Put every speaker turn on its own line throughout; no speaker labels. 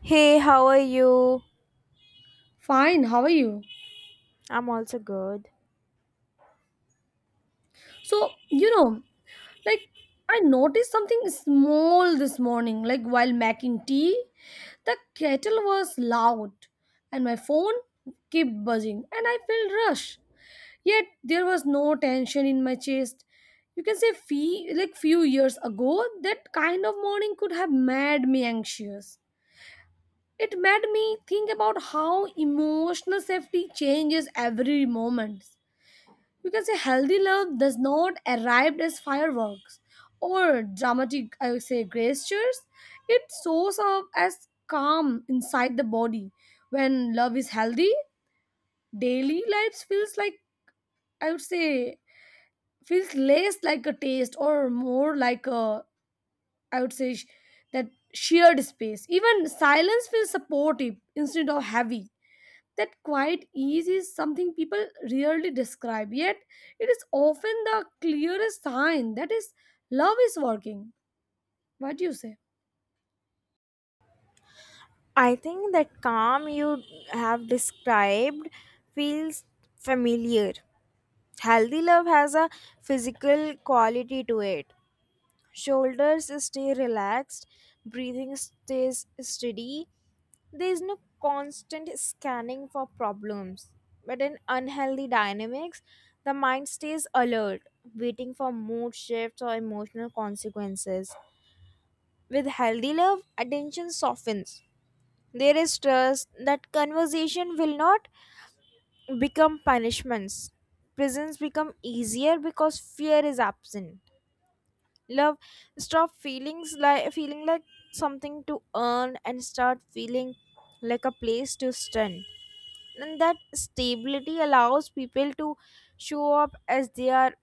Hey, how are you?
Fine, how are you?
I'm also good.
So, you know, like I noticed something small this morning, like while making tea, the kettle was loud and my phone kept buzzing and I felt rush. Yet there was no tension in my chest. You can say fee like few years ago, that kind of morning could have made me anxious. It made me think about how emotional safety changes every moment, because a healthy love does not arrive as fireworks or dramatic, I would say, gestures. It shows up as calm inside the body. When love is healthy, daily life feels like, I would say, feels less like a taste or more like a, I would say, sh- that shared space. Even silence feels supportive instead of heavy. That quiet ease is something people rarely describe, yet it is often the clearest sign that is love is working. What do you say?
I think that calm you have described feels familiar. Healthy love has a physical quality to it. Shoulders stay relaxed, breathing stays steady. There is no constant scanning for problems. But in unhealthy dynamics, the mind stays alert, waiting for mood shifts or emotional consequences. With healthy love, attention softens. There is trust that conversation will not become punishments. Prisons become easier because fear is absent. Love stop feelings like feeling like something to earn and start feeling like a place to stand. And that stability allows people to show up as they are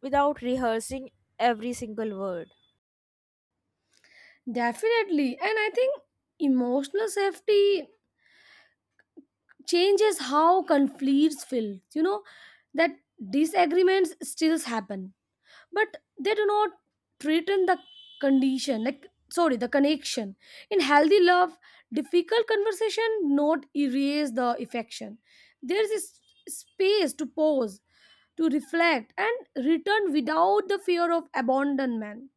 without rehearsing every single word.
Definitely. And I think emotional safety changes how conflicts feel. You know, that disagreements still happen but they do not threaten the condition, like sorry, the connection. In healthy love, difficult conversation not erase the affection. There is space to pause, to reflect and return without the fear of abandonment,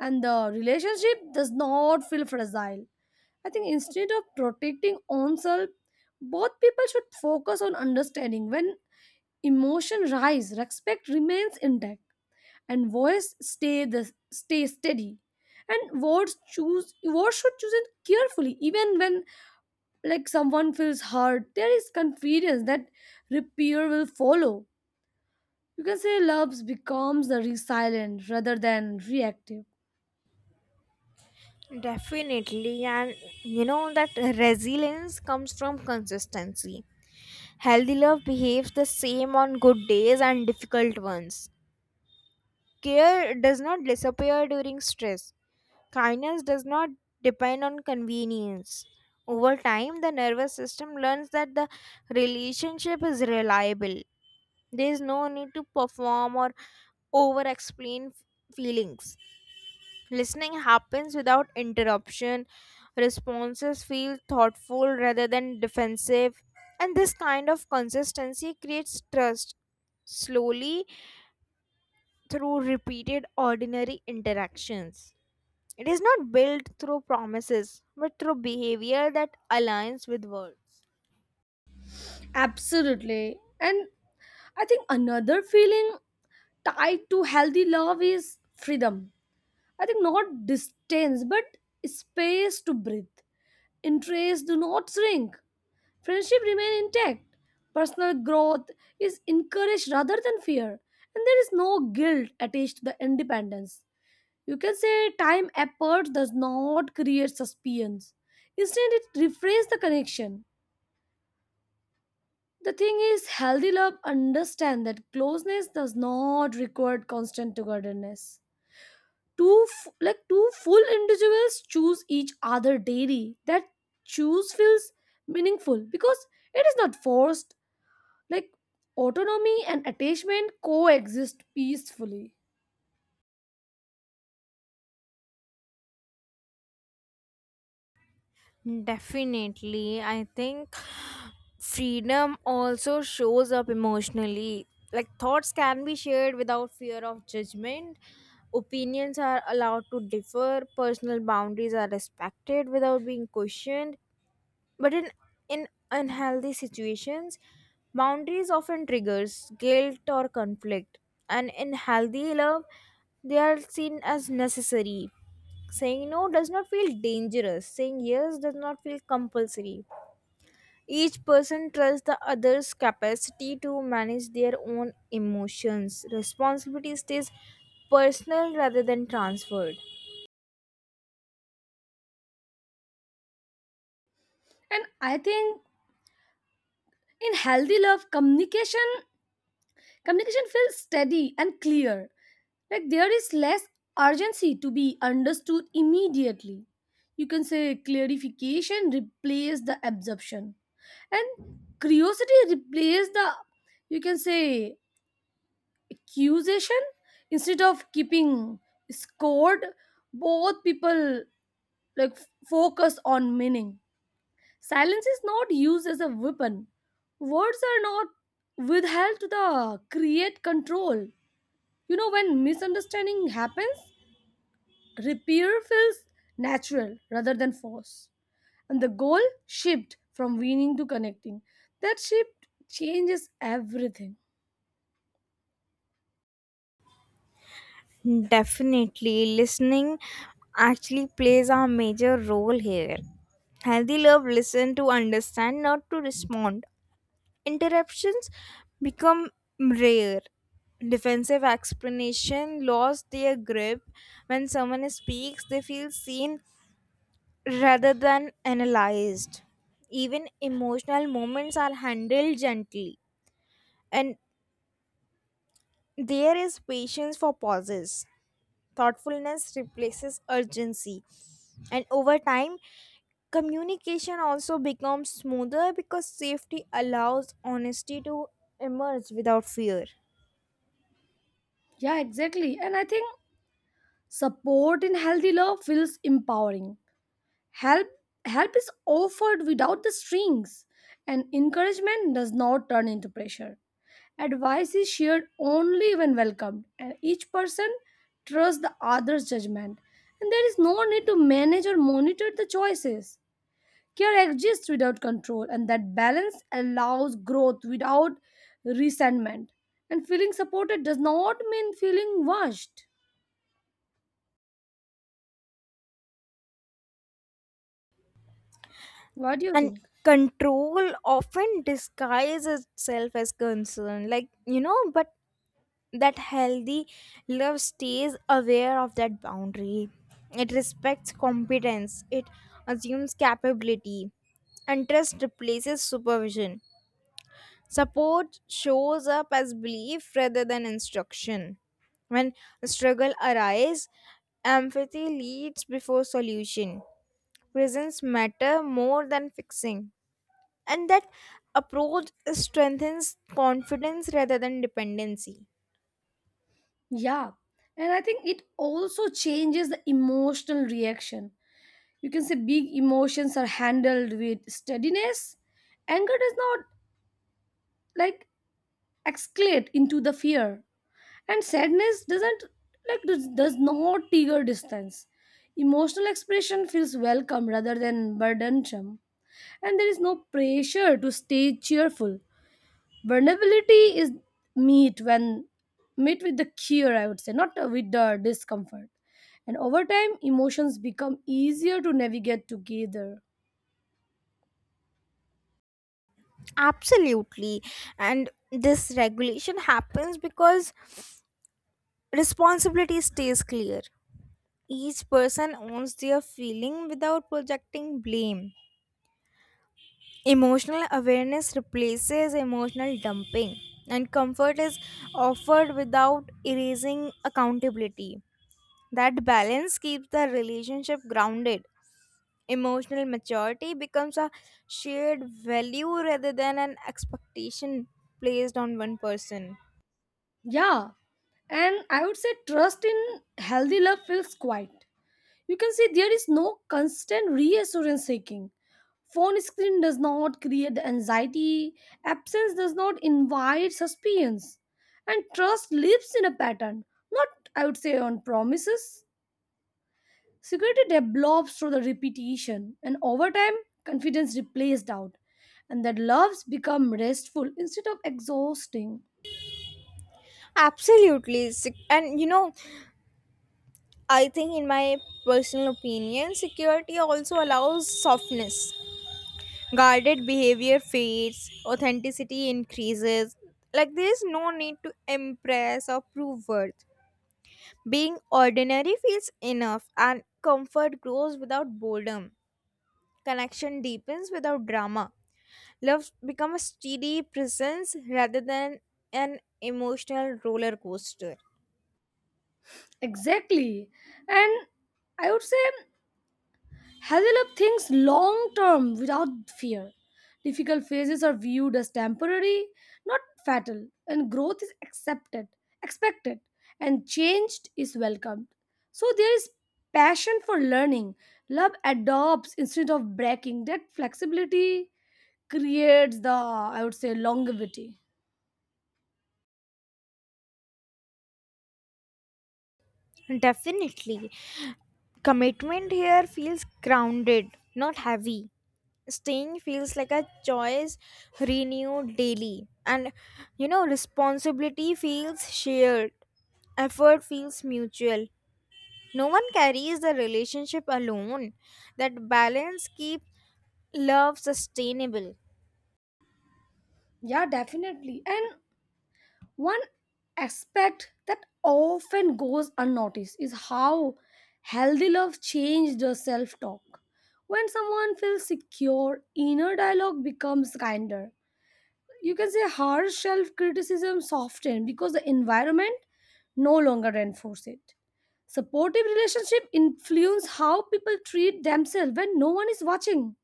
and the relationship does not feel fragile. I think instead of protecting oneself, both people should focus on understanding. When emotion rise, respect remains intact and voice stay steady, and words should choose it carefully. Even when like someone feels hurt, there is confidence that repair will follow. You can say loves becomes the resilient rather than reactive.
Definitely, and you know that resilience comes from consistency. Healthy love behaves the same on good days and difficult ones. Care does not disappear during stress. Kindness does not depend on convenience. Over time, the nervous system learns that the relationship is reliable. There is no need to perform or over explain feelings. Listening happens without interruption. Responses feel thoughtful rather than defensive. And this kind of consistency creates trust slowly through repeated ordinary interactions. It is not built through promises, but through behavior that aligns with words.
Absolutely. And I think another feeling tied to healthy love is freedom. I think not distance but space to breathe. Interests do not shrink. Friendship remain intact. Personal growth is encouraged rather than fear, and there is no guilt attached to the independence. You can say time effort does not create suspense. Instead, it refrains the connection. The thing is, healthy love understand that closeness does not require constant togetherness. Two f- like two full individuals choose each other daily. That choose feels meaningful because it is not forced, like autonomy and attachment coexist peacefully.
Definitely. I think freedom also shows up emotionally. Like thoughts can be shared without fear of judgment. Opinions are allowed to differ. Personal boundaries are respected without being questioned. But in unhealthy situations, boundaries often triggers guilt or conflict. And in healthy love, they are seen as necessary. Saying no does not feel dangerous. Saying yes does not feel compulsory. Each person trusts the other's capacity to manage their own emotions. Responsibility stays personal rather than transferred.
And I think in healthy love communication feels steady and clear. Like there is less urgency to be understood immediately. You can say clarification replace the absorption and curiosity replace the, you can say, accusation. Instead of keeping scored, both people focus on meaning. Silence is not used as a weapon. Words are not withheld to the create control. You know when misunderstanding happens, repair feels natural rather than force. And the goal shift from winning to connecting. That shift changes everything.
Definitely, listening actually plays a major role here. Healthy love listen to understand, not to respond. Interruptions become rare. Defensive explanation lost their grip. When someone speaks, they feel seen rather than analyzed. Even emotional moments are handled gently, and there is patience for pauses. Thoughtfulness replaces urgency, and over time communication also becomes smoother because safety allows honesty to emerge without fear.
Yeah, exactly. And I think support in healthy love feels empowering. Help help is offered without the strings, and encouragement does not turn into pressure. Advice is shared only when welcomed, and each person trusts the other's judgment, and there is no need to manage or monitor the choices. Care exists without control, and that balance allows growth without resentment. And feeling supported does not mean feeling washed. What do you
And
think?
control often disguises itself as concern, like, you know, but that healthy love stays aware of that boundary. It respects competence, it assumes capability, and trust replaces supervision. Support shows up as belief rather than instruction. When struggle arises, empathy leads before solution. Presence matter more than fixing. And that approach strengthens confidence rather than dependency.
Yeah, and I think it also changes the emotional reaction. You can say big emotions are handled with steadiness. Anger does not, like, escalate into the fear, and sadness doesn't, like, does not trigger distance. Emotional expression feels welcome rather than burdensome, and there is no pressure to stay cheerful. Vulnerability is meet when meet with the cure, I would say, not with the discomfort. And over time emotions become easier to navigate together.
Absolutely. And this regulation happens because responsibility stays clear. Each person owns their feeling without projecting blame. Emotional awareness replaces emotional dumping, and comfort is offered without erasing accountability. That balance keeps the relationship grounded. Emotional maturity becomes a shared value rather than an expectation placed on one person.
Yeah, and I would say trust in healthy love feels quiet. You can see there is no constant reassurance seeking. Phone screen does not create the anxiety, absence does not invite suspense, and trust lives in a pattern, not, I would say, on promises. Security develops through the repetition, and over time, confidence replaces doubt, and that loves become restful instead of exhausting.
Absolutely. And you know, I think, in my personal opinion, security also allows softness. Guarded behavior fades, authenticity increases. Like there is no need to impress or prove worth. Being ordinary feels enough, and comfort grows without boredom. Connection deepens without drama. Love becomes a steady presence rather than an emotional roller coaster.
Exactly. And I would say, have you things long term without fear? Difficult phases are viewed as temporary, not fatal, and growth is accepted, expected, and changed is welcomed. So there is passion for learning. Love adopts instead of breaking. That flexibility creates the, I would say, longevity.
Definitely, commitment here feels grounded, not heavy. Staying feels like a choice renewed daily, and you know, responsibility feels shared, effort feels mutual. No one carries the relationship alone. That balance keeps love sustainable.
Yeah, definitely. And one aspect that often goes unnoticed is how healthy love changes the self talk. When someone feels secure, inner dialogue becomes kinder. You can say harsh self criticism softens because the environment no longer reinforces it. Supportive relationship influence how people treat themselves when no one is watching.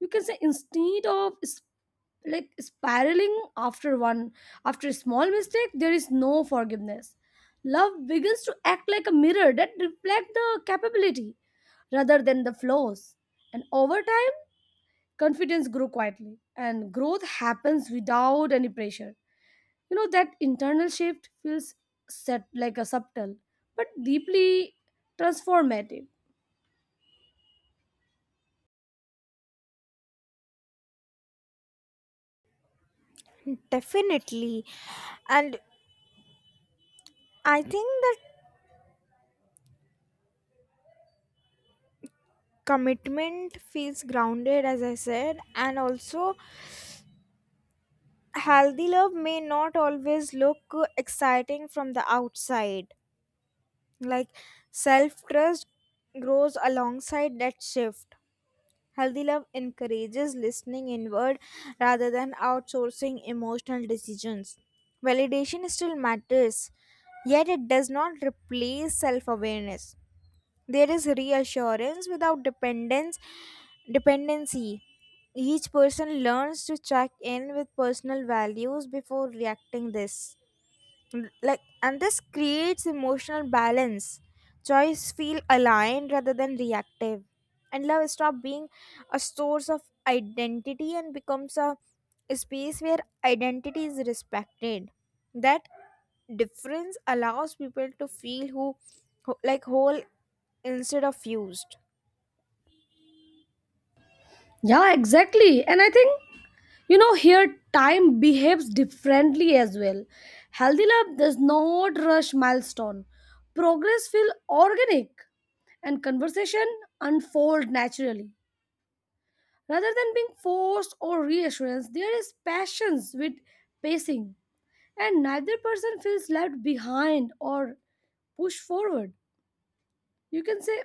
You can say instead of spiraling after one after a small mistake, there is no forgiveness. Love begins to act like a mirror that reflects the capability rather than the flaws. And over time, confidence grew quietly and growth happens without any pressure. You know that internal shift feels set like a subtle but deeply transformative.
Definitely. And I think that commitment feels grounded, as I said, and also healthy love may not always look exciting from the outside. Like self trust grows alongside that shift. Healthy love encourages listening inward rather than outsourcing emotional decisions. Validation still matters, yet it does not replace self awareness. There is reassurance without dependence dependency. Each person learns to check in with personal values before reacting this. And this creates emotional balance. Joys feel aligned rather than reactive, and love stop being a source of identity and becomes a space where identity is respected. That difference allows people to feel whole instead of used.
Yeah, exactly. And I think, you know, here time behaves differently as well. Healthy love does not rush milestone. Progress feel organic and conversation unfold naturally rather than being forced or reassurance. There is patience with pacing, and neither person feels left behind or pushed forward. You can say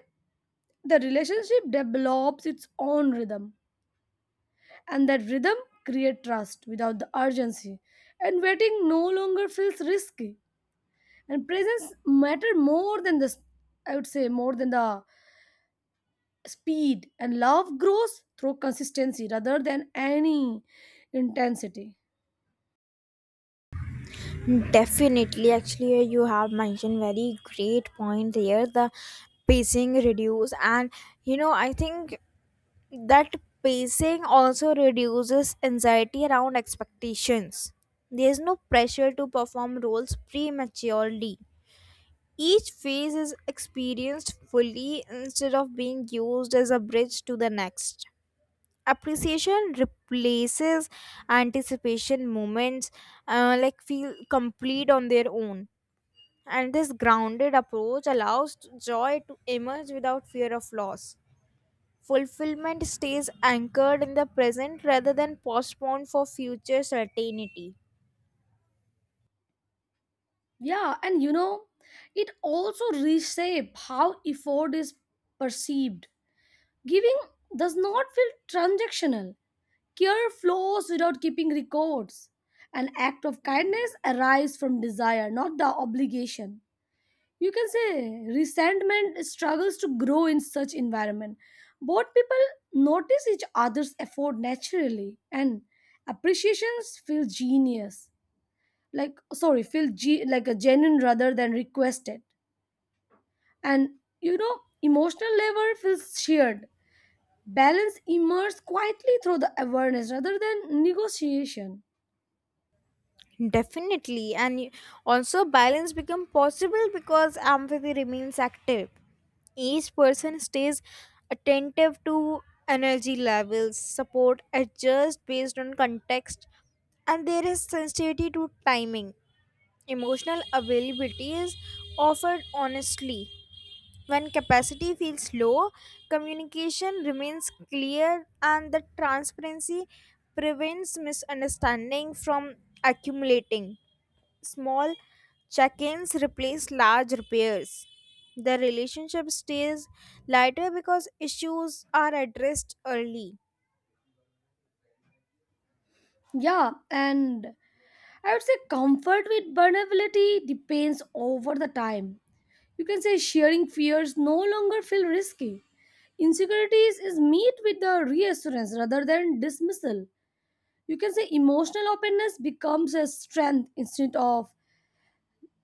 the relationship develops its own rhythm, and that rhythm creates trust without the urgency, and waiting no longer feels risky, and presence matter more than the, I would say, more than the speed. And love grows through consistency rather than any intensity.
Definitely, actually, you have mentioned very great point here. The pacing reduce, and you know I think that pacing also reduces anxiety around expectations. There's no pressure to perform roles prematurely. Each phase is experienced fully instead of being used as a bridge to the next. Appreciation replaces anticipation. Moments, like, feel complete on their own. And this grounded approach allows joy to emerge without fear of loss. Fulfillment stays anchored in the present rather than postponed for future certainty.
Yeah, and you know it also reshape how effort is perceived. Giving does not feel transactional. Care flows without keeping records. An act of kindness arises from desire, not the obligation. You can say resentment struggles to grow in such environment. Both people notice each other's effort naturally, and appreciations feel genius, like sorry, feel like a genuine rather than requested. And you know, emotional labor feels shared. Balance emerges quietly through the awareness rather than negotiation.
Definitely, and also balance becomes possible because empathy remains active. Each person stays attentive to energy levels, support adjusts based on context, and there is sensitivity to timing. Emotional availability is offered honestly. When capacity feels low, communication remains clear and the transparency prevents misunderstanding from accumulating. Small check ins replace large repairs. The relationship stays lighter because issues are addressed early.
Yeah, and I would say comfort with vulnerability depends over the time. You can say sharing fears no longer feel risky. Insecurities is meet with the reassurance rather than dismissal. You can say emotional openness becomes a strength instead of,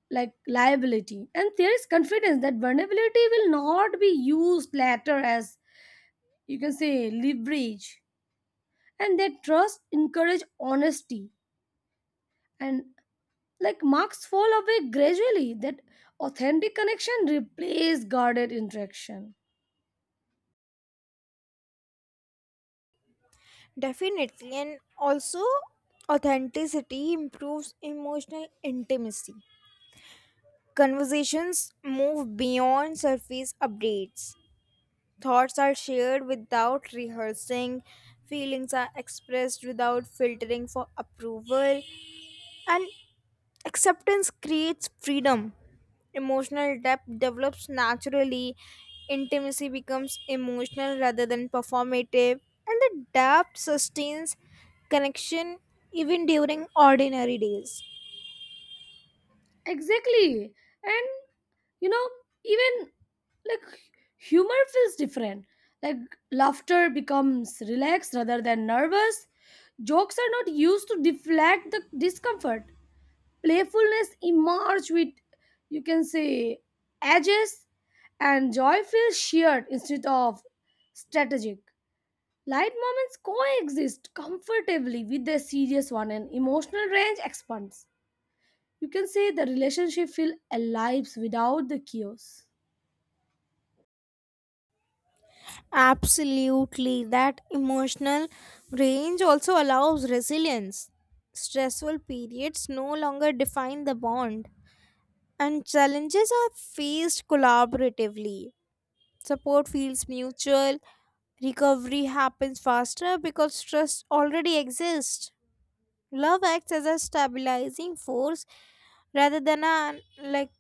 like, liability. And there is confidence that vulnerability will not be used later as, you can say, leverage. And that trust encourage honesty. And like marks fall away gradually, that authentic connection replace guarded interaction.
Definitely, and also authenticity improves emotional intimacy. Conversations move beyond surface updates. Thoughts are shared without rehearsing, feelings are expressed without filtering for approval, and acceptance creates freedom. Emotional depth develops naturally, intimacy becomes emotional rather than performative, and the depth sustains connection even during ordinary days.
Exactly. And you know, even, like, humor feels different. Like laughter becomes relaxed rather than nervous. Jokes are not used to deflect the discomfort. Playfulness emerge with, you can say, edges, and joy feels shared instead of strategic. Light moments coexist comfortably with the serious one, and emotional range expands. You can say the relationship feel alive without the chaos.
Absolutely. That emotional range also allows resilience. Stressful periods no longer define the bond, and challenges are faced collaboratively. Support feels mutual, recovery happens faster because stress already exists. Love acts as a stabilizing force rather than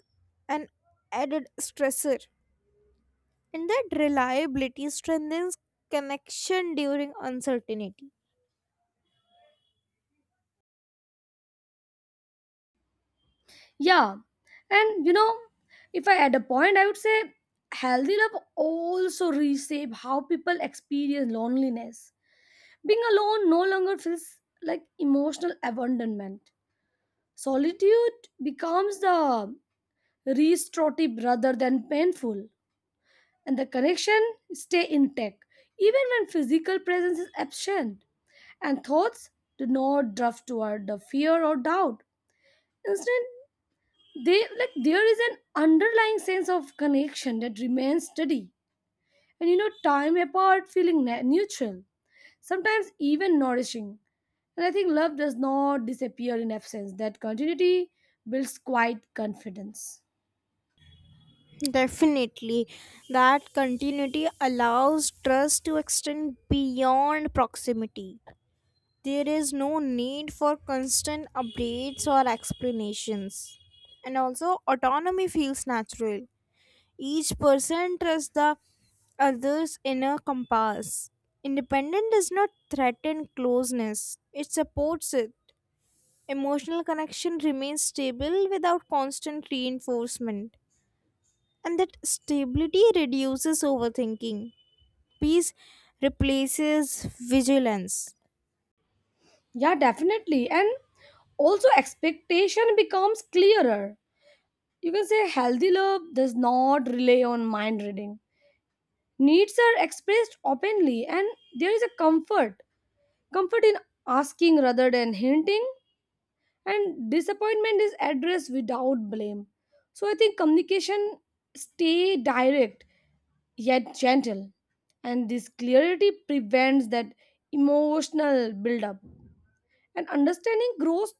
an added stressor. And that reliability strengthens connection during uncertainty.
Yeah. And you know, if I add a point, I would say healthy love also reshape how people experience loneliness. Being alone no longer feels like emotional abandonment. Solitude becomes the restorative rather than painful. And the connection stay intact even when physical presence is absent, and thoughts do not drift toward the fear or doubt. Instead, they like there is an underlying sense of connection that remains steady. And you know, time apart feeling neutral, sometimes even nourishing. And I think love does not disappear in absence. That continuity builds quite confidence.
Definitely, that continuity allows trust to extend beyond proximity. There is no need for constant updates or explanations. And also, autonomy feels natural. Each person trusts the other's inner compass. Independence does not threaten closeness, it supports it. Emotional connection remains stable without constant reinforcement, and that stability reduces overthinking. Peace replaces vigilance.
Yeah, definitely. And also expectation becomes clearer. You can say healthy love does not rely on mind reading. Needs are expressed openly, and there is a comfort. Comfort in asking rather than hinting, and disappointment is addressed without blame. So I think communication stay direct yet gentle, and this clarity prevents that emotional buildup. And understanding grows,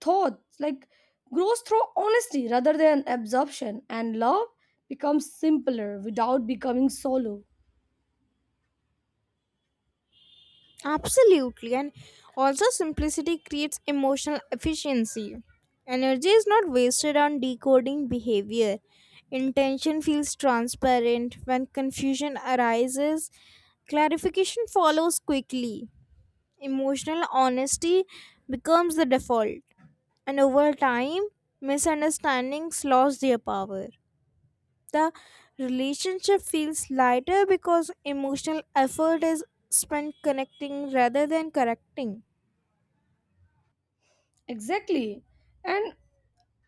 thoughts like grows through honesty rather than absorption, and love becomes simpler without becoming solo.
Absolutely, and also simplicity creates emotional efficiency. Energy is not wasted on decoding behavior. Intention feels transparent. When confusion arises, clarification follows quickly. Emotional honesty becomes the default. And over time misunderstandings lost their power. The relationship feels lighter because emotional effort is spent connecting rather than correcting.
Exactly. And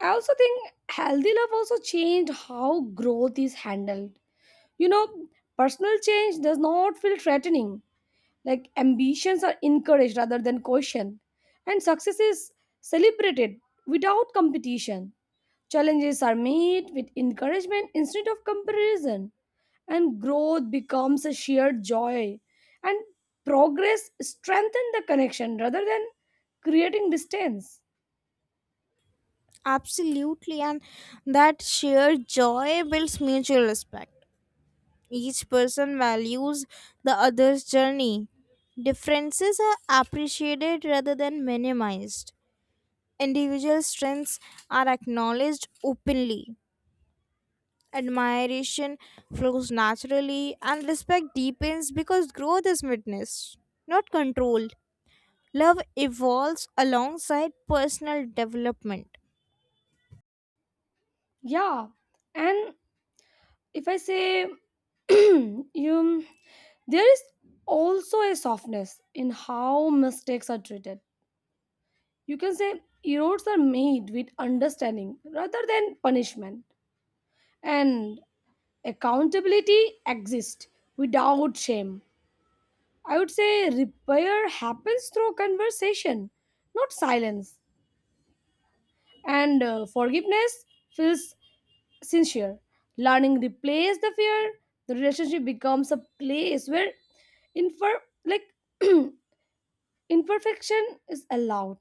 I also think healthy love also changed how growth is handled. You know, personal change does not feel threatening. Like ambitions are encouraged rather than questioned, and success is celebrated without competition. Challenges are met with encouragement instead of comparison, and growth becomes a shared joy. And progress strengthens the connection rather than creating distance.
Absolutely, and that shared joy builds mutual respect. Each person values the other's journey. Differences are appreciated rather than minimized, individual strengths are acknowledged openly. Admiration flows naturally, and respect deepens because growth is witnessed, not controlled. Love evolves alongside personal development.
Yeah, and if I say you, there is also a softness in how mistakes are treated. You can say errors are made with understanding rather than punishment. And accountability exists without shame. I would say repair happens through conversation, not silence. And forgiveness feels sincere. Learning replaces the fear. The relationship becomes a place where infer like imperfection is allowed.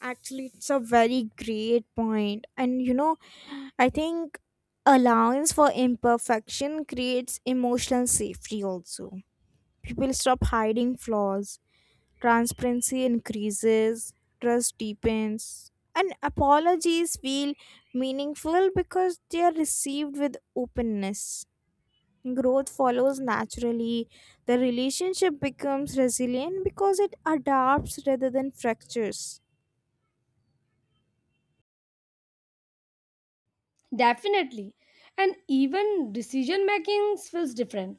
Actually, it's a very great point, and you know, I think allowance for imperfection creates emotional safety also. People stop hiding flaws, transparency increases, trust deepens, and apologies feel meaningful because they are received with openness. Growth follows naturally. The relationship becomes resilient because it adapts rather than fractures.
Definitely, and even decision making feels different.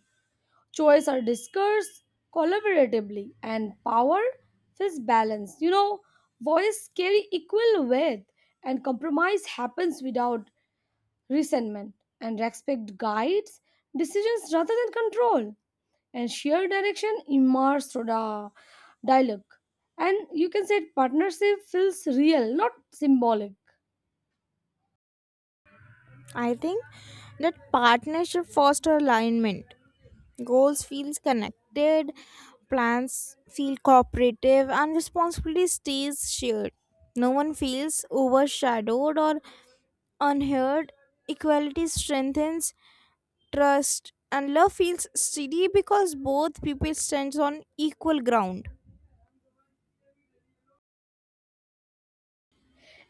Choice are discussed collaboratively and power is balanced. You know, voice carry equal weight and compromise happens without resentment, and respect guides decisions rather than control, and shared direction immerse through the dialogue. And you can say partnership feels real, not symbolic.
I think that partnership fosters alignment. Goals feels connected, plans feel cooperative, and responsibility stays shared. No one feels overshadowed or unheard. Equality strengthens trust, and love feels steady because both people stand on equal ground.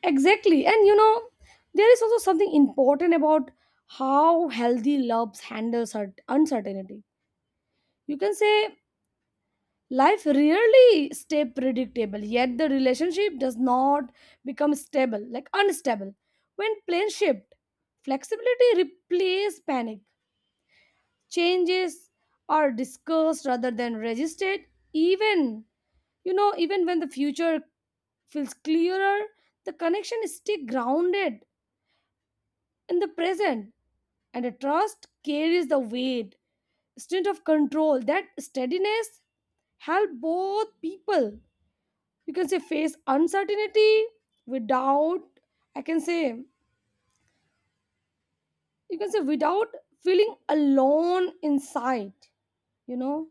Exactly. And you know, there is also something important about how healthy loves handles her uncertainty. You can say life rarely stay predictable, yet the relationship does not become stable, like unstable. When plans shift, flexibility replaces panic. Changes are discussed rather than resisted. Even, you know, even when the future feels clearer, the connection is still grounded in the present, and the trust carries the weight instead of control. That steadiness help both people, you can say, face uncertainty without, I can say, without feeling alone inside, you know.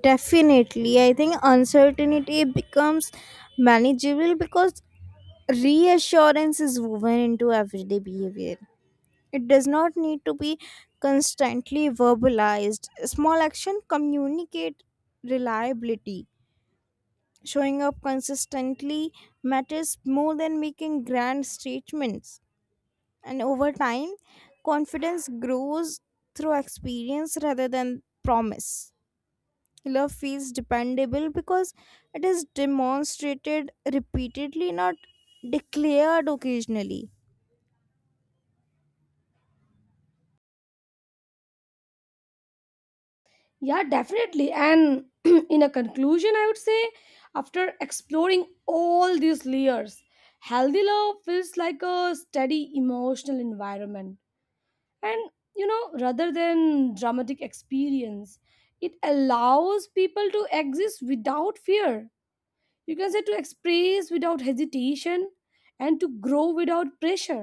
Definitely, I think uncertainty becomes manageable because reassurance is woven into everyday behavior. It does not need to be constantly verbalized. Small action communicate reliability. Showing up consistently matters more than making grand statements. And over time, confidence grows through experience rather than promise. Love feels dependable because it is demonstrated repeatedly, not declared occasionally.
Yeah, definitely. And in a conclusion I would say after exploring all these layers, healthy love feels like a steady emotional environment. And you know, rather than dramatic experience, it allows people to exist without fear. You can say to express without hesitation and to grow without pressure.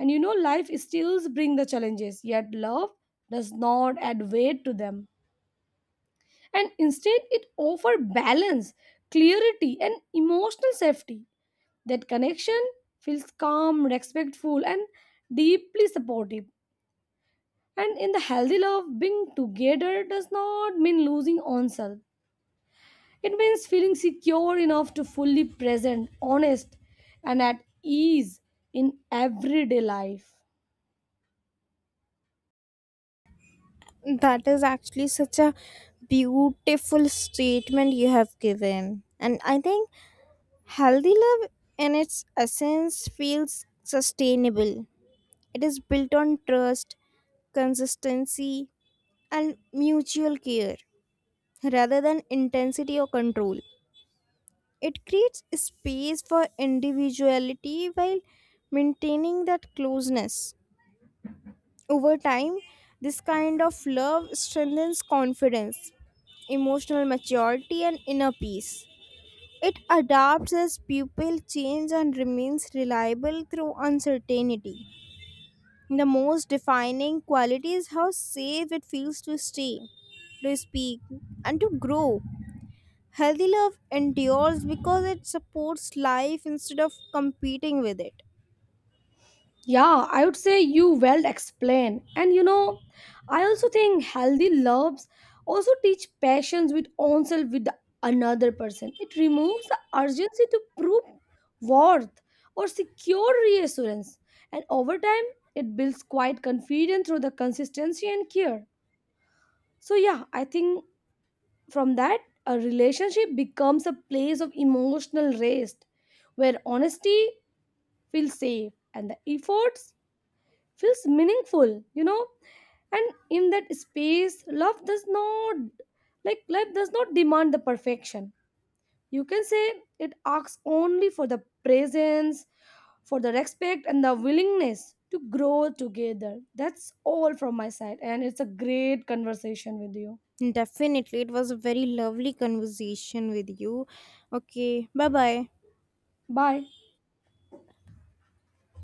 And you know, life still brings the challenges, yet love does not add weight to them. And instead, it offers balance, clarity, and emotional safety. That connection feels calm, respectful, and deeply supportive. And in the healthy love, being together does not mean losing oneself. It means feeling secure enough to fully present, honest, and at ease in everyday life.
That is actually such a beautiful statement you have given. And I think healthy love, in its essence, feels sustainable. It is built on trust, consistency, and mutual care rather than intensity or control. It creates space for individuality while maintaining that closeness. Over time, this kind of love strengthens confidence, emotional maturity, and inner peace. It adapts as people change and remains reliable through uncertainty. The most defining quality is how safe it feels to stay, to speak, and to grow. Healthy love endures because it supports life instead of competing with it.
Yeah, I would say you well explain. And you know, I also think healthy loves also teach patience with oneself with the another person. It removes the urgency to prove worth or secure reassurance. And over time, it builds quite confidence through the consistency and care. So yeah, I think from that, a relationship becomes a place of emotional rest where honesty feels safe and the efforts feels meaningful, you know? And in that space, love does not like life does not demand the perfection. You can say it asks only for the presence, for the respect and the willingness to grow together. That's all from my side and it's a great conversation with you.
Definitely, it was a very lovely conversation with you. Okay, bye bye.
Bye.